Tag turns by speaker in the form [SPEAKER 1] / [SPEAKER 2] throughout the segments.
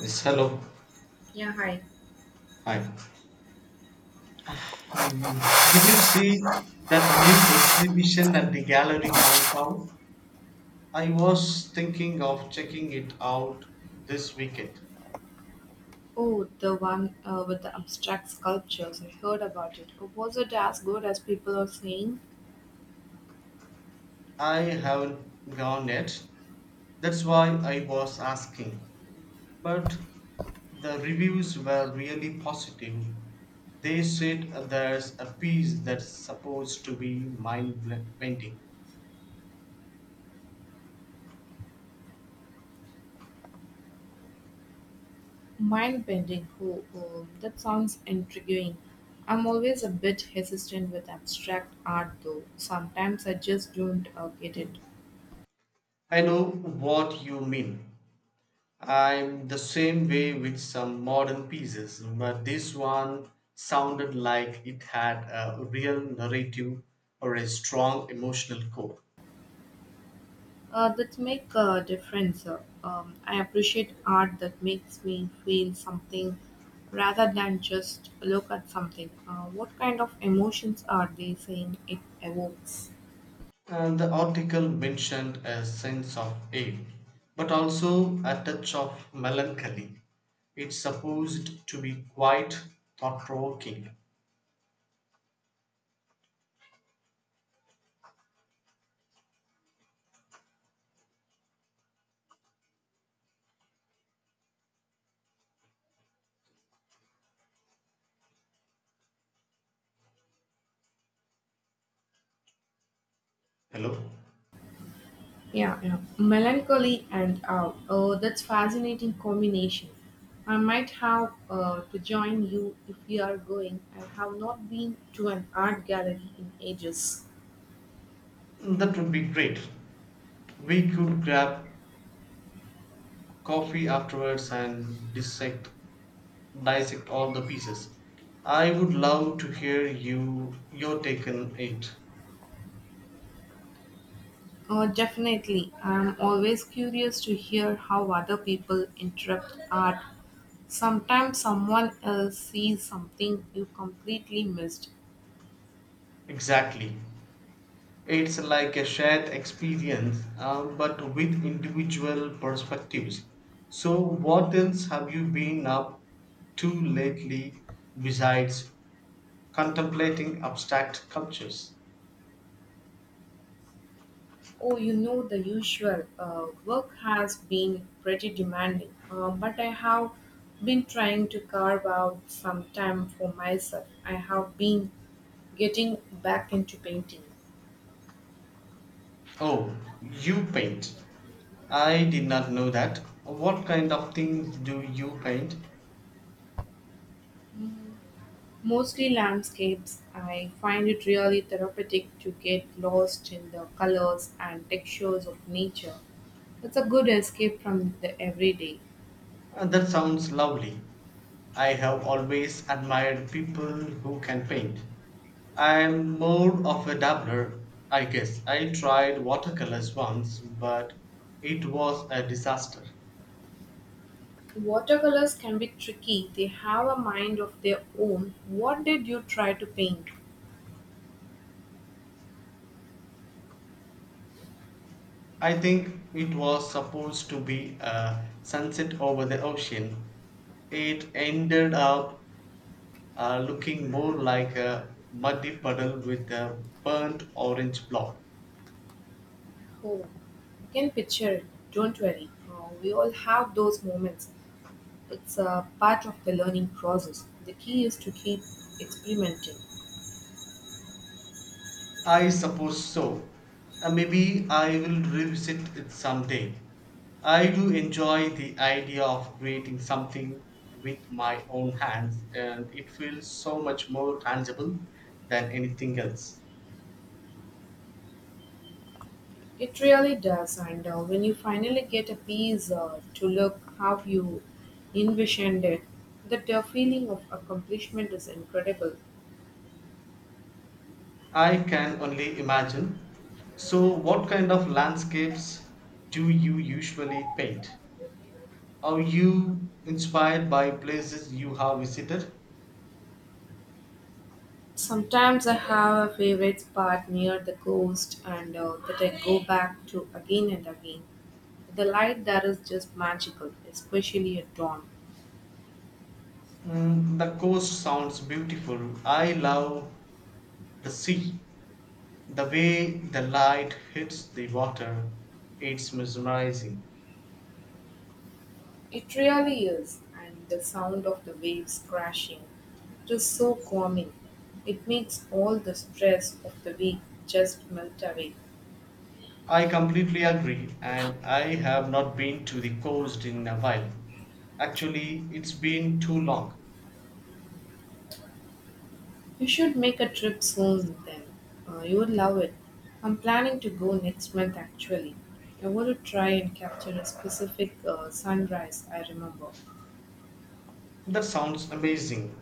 [SPEAKER 1] Yes, hello.
[SPEAKER 2] Yeah, hi.
[SPEAKER 1] Hi. Mm. Did you see that new exhibition at the gallery downtown? I was thinking of checking it out this weekend.
[SPEAKER 2] Oh, the one with the abstract sculptures. I heard about it. Oh, was it as good as people are saying?
[SPEAKER 1] I haven't gone yet. That's why I was asking. But the reviews were really positive. They said there's a piece that's supposed to be mind bending.
[SPEAKER 2] Mind bending. Oh, that sounds intriguing. I'm always a bit hesitant with abstract art, though. Sometimes I just don't get it.
[SPEAKER 1] I know what you mean. I'm the same way with some modern pieces, but this one sounded like it had a real narrative or a strong emotional core.
[SPEAKER 2] That make a difference. I appreciate art that makes me feel something rather than just look at something. What kind of emotions are they saying it evokes?
[SPEAKER 1] And the article mentioned a sense of awe, but also a touch of melancholy. It's supposed to be quite thought provoking. Hello?
[SPEAKER 2] Yeah, yeah. Melancholy and awe. Oh, that's fascinating combination. I might have to join you if you are going. I have not been to an art gallery in ages.
[SPEAKER 1] That would be great. We could grab coffee afterwards and dissect all the pieces. I would love to hear your take on it.
[SPEAKER 2] Oh, definitely. I'm always curious to hear how other people interpret art. Sometimes someone else sees something you completely missed.
[SPEAKER 1] Exactly. It's like a shared experience, but with individual perspectives. So, what else have you been up to lately besides contemplating abstract sculptures?
[SPEAKER 2] Oh, you know the usual. Work has been pretty demanding, but I have been trying to carve out some time for myself. I have been getting back into painting,
[SPEAKER 1] Oh, you paint. I did not know that. What kind of things do you paint?
[SPEAKER 2] mostly landscapes. I find it really therapeutic to get lost in the colors and textures of nature. It's a good escape from the everyday.
[SPEAKER 1] That sounds lovely. I have always admired people who can paint. I'm more of a dabbler, I guess. I tried watercolors once, but it was a disaster.
[SPEAKER 2] Watercolors can be tricky, they have a mind of their own. What did you try to paint?
[SPEAKER 1] I think it was supposed to be a sunset over the ocean. It ended up looking more like a muddy puddle with a burnt orange blob.
[SPEAKER 2] Oh, I can picture it. Don't worry. We all have those moments. It's a part of the learning process. The key is to keep experimenting.
[SPEAKER 1] I suppose so. Maybe I will revisit it someday. I do enjoy the idea of creating something with my own hands, and it feels so much more tangible than anything else.
[SPEAKER 2] It really does. And when you finally get a piece to look how you envisioned it, that feeling of accomplishment is incredible.
[SPEAKER 1] I can only imagine. So, what kind of landscapes do you usually paint? Are you inspired by places you have visited?
[SPEAKER 2] Sometimes I have a favorite spot near the coast and that I go back to again and again. The light there is just magical, especially at dawn.
[SPEAKER 1] The coast sounds beautiful. I love the sea. The way the light hits the water, it's mesmerizing.
[SPEAKER 2] It really is, and the sound of the waves crashing, it is so calming. It makes all the stress of the week just melt away.
[SPEAKER 1] I completely agree, and I have not been to the coast in a while. Actually, it's been too long.
[SPEAKER 2] You should make a trip soon then. You would love it. I'm planning to go next month actually. I want to try and capture a specific sunrise I remember.
[SPEAKER 1] That sounds amazing.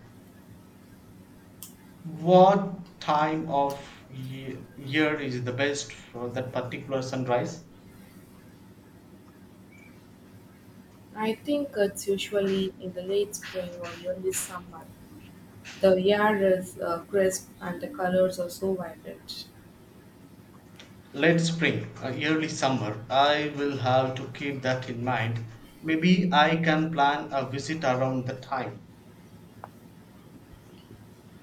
[SPEAKER 1] What time of year is the best for that particular sunrise?
[SPEAKER 2] I think it's usually in the late spring or early summer. The air is crisp and the colors are so vibrant.
[SPEAKER 1] Late spring, early summer. I will have to keep that in mind. Maybe I can plan a visit around the time.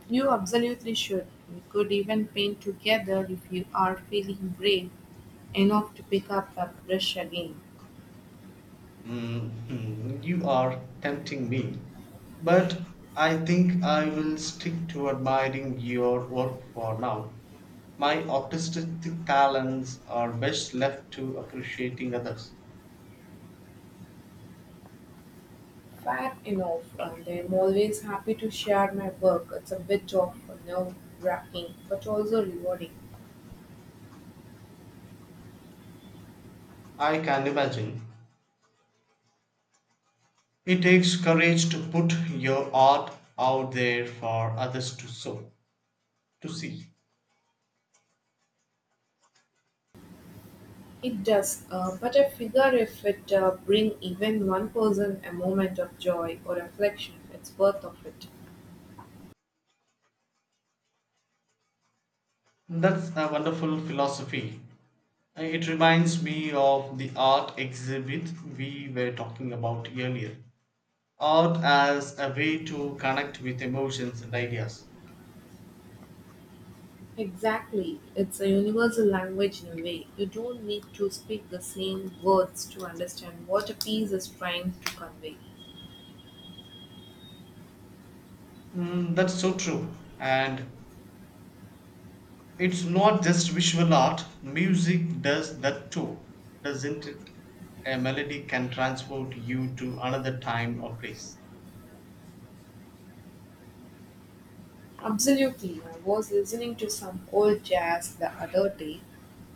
[SPEAKER 2] You absolutely should. We could even paint together if you are feeling brave enough to pick up a brush again.
[SPEAKER 1] You are tempting me, but I think I will stick to admiring your work for now. My artistic talents are best left to appreciating others.
[SPEAKER 2] Fair enough, and I'm always happy to share my work. It's a bit of nerve wracking, but also rewarding.
[SPEAKER 1] I can imagine. It takes courage to put your art out there for others to see.
[SPEAKER 2] It does, but I figure if it bring even one person a moment of joy or reflection, it's worth of it.
[SPEAKER 1] That's a wonderful philosophy. It reminds me of the art exhibit we were talking about earlier. Art as a way to connect with emotions and ideas.
[SPEAKER 2] Exactly. It's a universal language in a way. You don't need to speak the same words to understand what a piece is trying to convey.
[SPEAKER 1] That's so true. And it's not just visual art, music does that too, doesn't it? A melody can transport you to another time or place.
[SPEAKER 2] Absolutely. I was listening to some old jazz the other day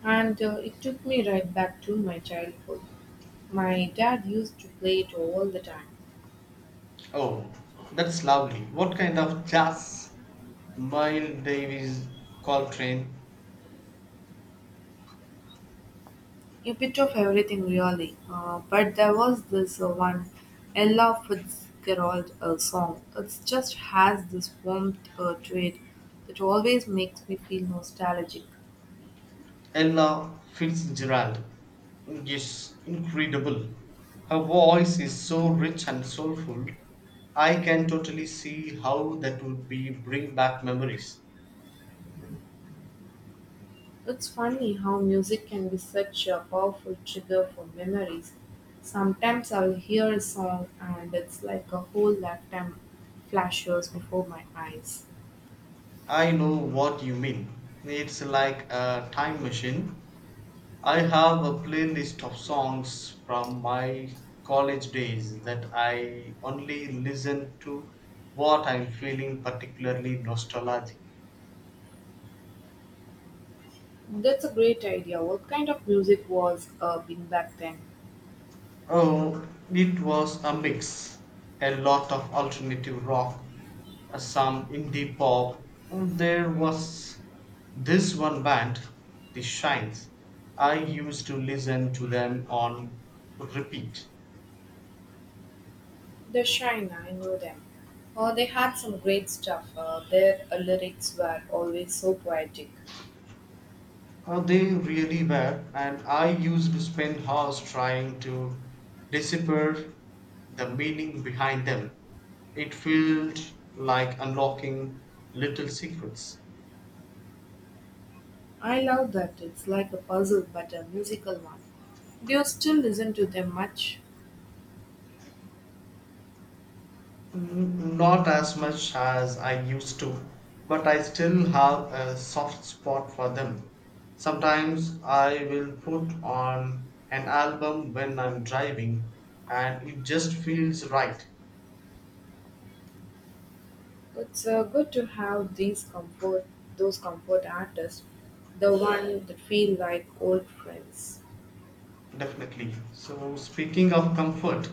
[SPEAKER 2] and it took me right back to my childhood. My dad used to play it all the time.
[SPEAKER 1] Oh, that's lovely. What kind of jazz? Miles Davis, Coltrane.
[SPEAKER 2] A bit of everything really. But there was this one Ella Fitzgerald song. It just has this warmth to it that always makes me feel nostalgic.
[SPEAKER 1] Ella Fitzgerald is incredible. Her voice is so rich and soulful. I can totally see how that would be bring back memories.
[SPEAKER 2] It's funny how music can be such a powerful trigger for memories. Sometimes I'll hear a song and it's like a whole lifetime flashes before my eyes.
[SPEAKER 1] I know what you mean. It's like a time machine. I have a playlist of songs from my college days that I only listen to what I'm feeling particularly nostalgic.
[SPEAKER 2] That's a great idea. What kind of music was being back then?
[SPEAKER 1] Oh, it was a mix. A lot of alternative rock, some indie pop. Oh, there was this one band, The Shines. I used to listen to them on repeat.
[SPEAKER 2] The Shine, I know them. They had some great stuff. Their lyrics were always so poetic.
[SPEAKER 1] They really were, and I used to spend hours trying to decipher the meaning behind them. It felt like unlocking little secrets.
[SPEAKER 2] I love that. It's like a puzzle, but a musical one. Do you still listen to them much?
[SPEAKER 1] Not as much as I used to, but I still have a soft spot for them. Sometimes I will put on an album when I'm driving, and it just feels right,
[SPEAKER 2] It's good to have these those comfort artists, the one that feel like old friends.
[SPEAKER 1] definitely. So, speaking of comfort,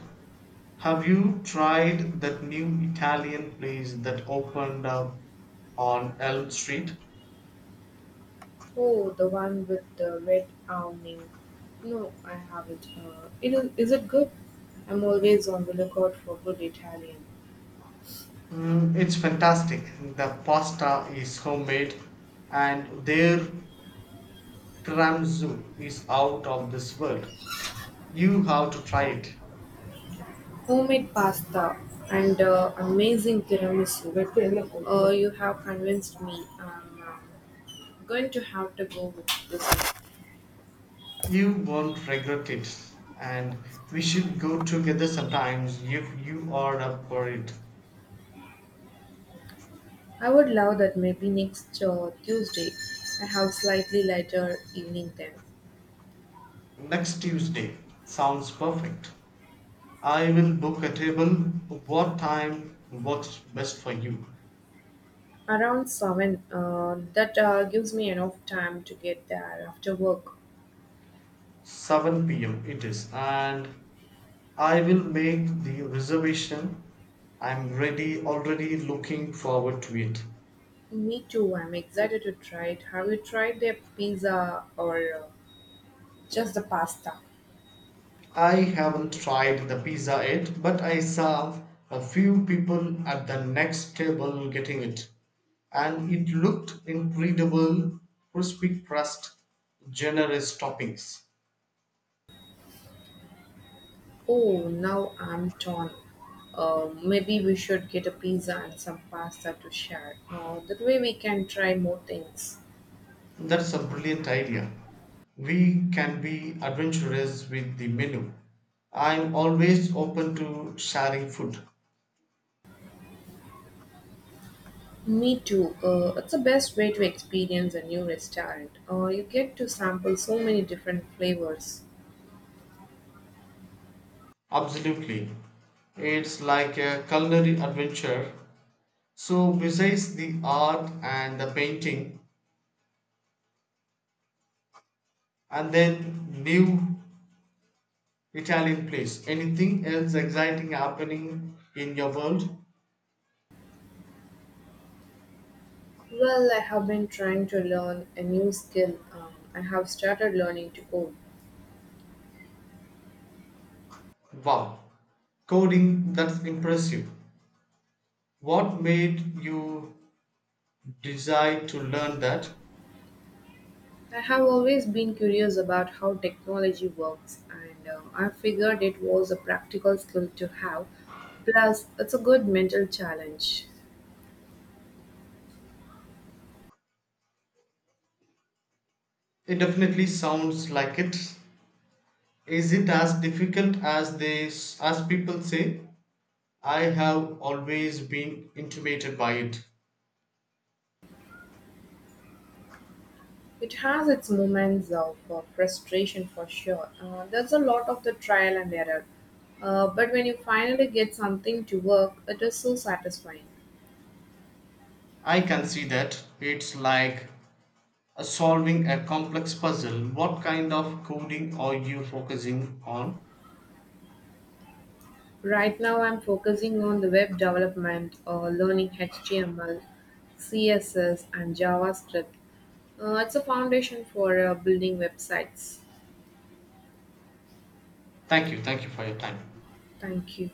[SPEAKER 1] have you tried that new Italian place that opened up on Elm Street?
[SPEAKER 2] Oh, the one with the red awning. No, I haven't. Is it good? I'm always on the lookout for good Italian.
[SPEAKER 1] It's fantastic. The pasta is homemade, and their zoo is out of this world. You have to try it.
[SPEAKER 2] Homemade pasta and amazing tiramisu. You have convinced me. I'm going to have to go with this one.
[SPEAKER 1] You won't regret it. And we should go together sometimes if you are up for it.
[SPEAKER 2] I would love that maybe next Tuesday. I have slightly later evening then.
[SPEAKER 1] Next Tuesday. Sounds perfect. I will book a table. What time works best for you?
[SPEAKER 2] Around 7. That gives me enough time to get there after work.
[SPEAKER 1] 7 p.m. it is. And I will make the reservation. I'm ready already looking forward to it.
[SPEAKER 2] Me too. I'm excited to try it. Have you tried their pizza or just the pasta?
[SPEAKER 1] I haven't tried the pizza yet, but I saw a few people at the next table getting it, and it looked incredible, crispy crust, generous toppings.
[SPEAKER 2] Oh, now I'm torn. Maybe we should get a pizza and some pasta to share. That way we can try more things.
[SPEAKER 1] That's a brilliant idea. We can be adventurous with the menu. I'm always open to sharing food.
[SPEAKER 2] Me too. It's the best way to experience a new restaurant. You get to sample so many different flavors.
[SPEAKER 1] Absolutely. It's like a culinary adventure. So, besides the art and the painting, and then new Italian place. Anything else exciting happening in your world?
[SPEAKER 2] Well, I have been trying to learn a new skill. I have started learning to code.
[SPEAKER 1] Wow, coding, that's impressive. What made you decide to learn that?
[SPEAKER 2] I have always been curious about how technology works, and I figured it was a practical skill to have. Plus, it's a good mental challenge.
[SPEAKER 1] It definitely sounds like it. Is it as difficult as people say? I have always been intimidated by it.
[SPEAKER 2] It has its moments of frustration for sure. There's a lot of the trial and error. But when you finally get something to work, it is so satisfying.
[SPEAKER 1] I can see that. It's like solving a complex puzzle. What kind of coding are you focusing on?
[SPEAKER 2] Right now, I'm focusing on the web development, learning HTML, CSS, and JavaScript. It's a foundation for building websites.
[SPEAKER 1] Thank you. Thank you for your time.
[SPEAKER 2] Thank you.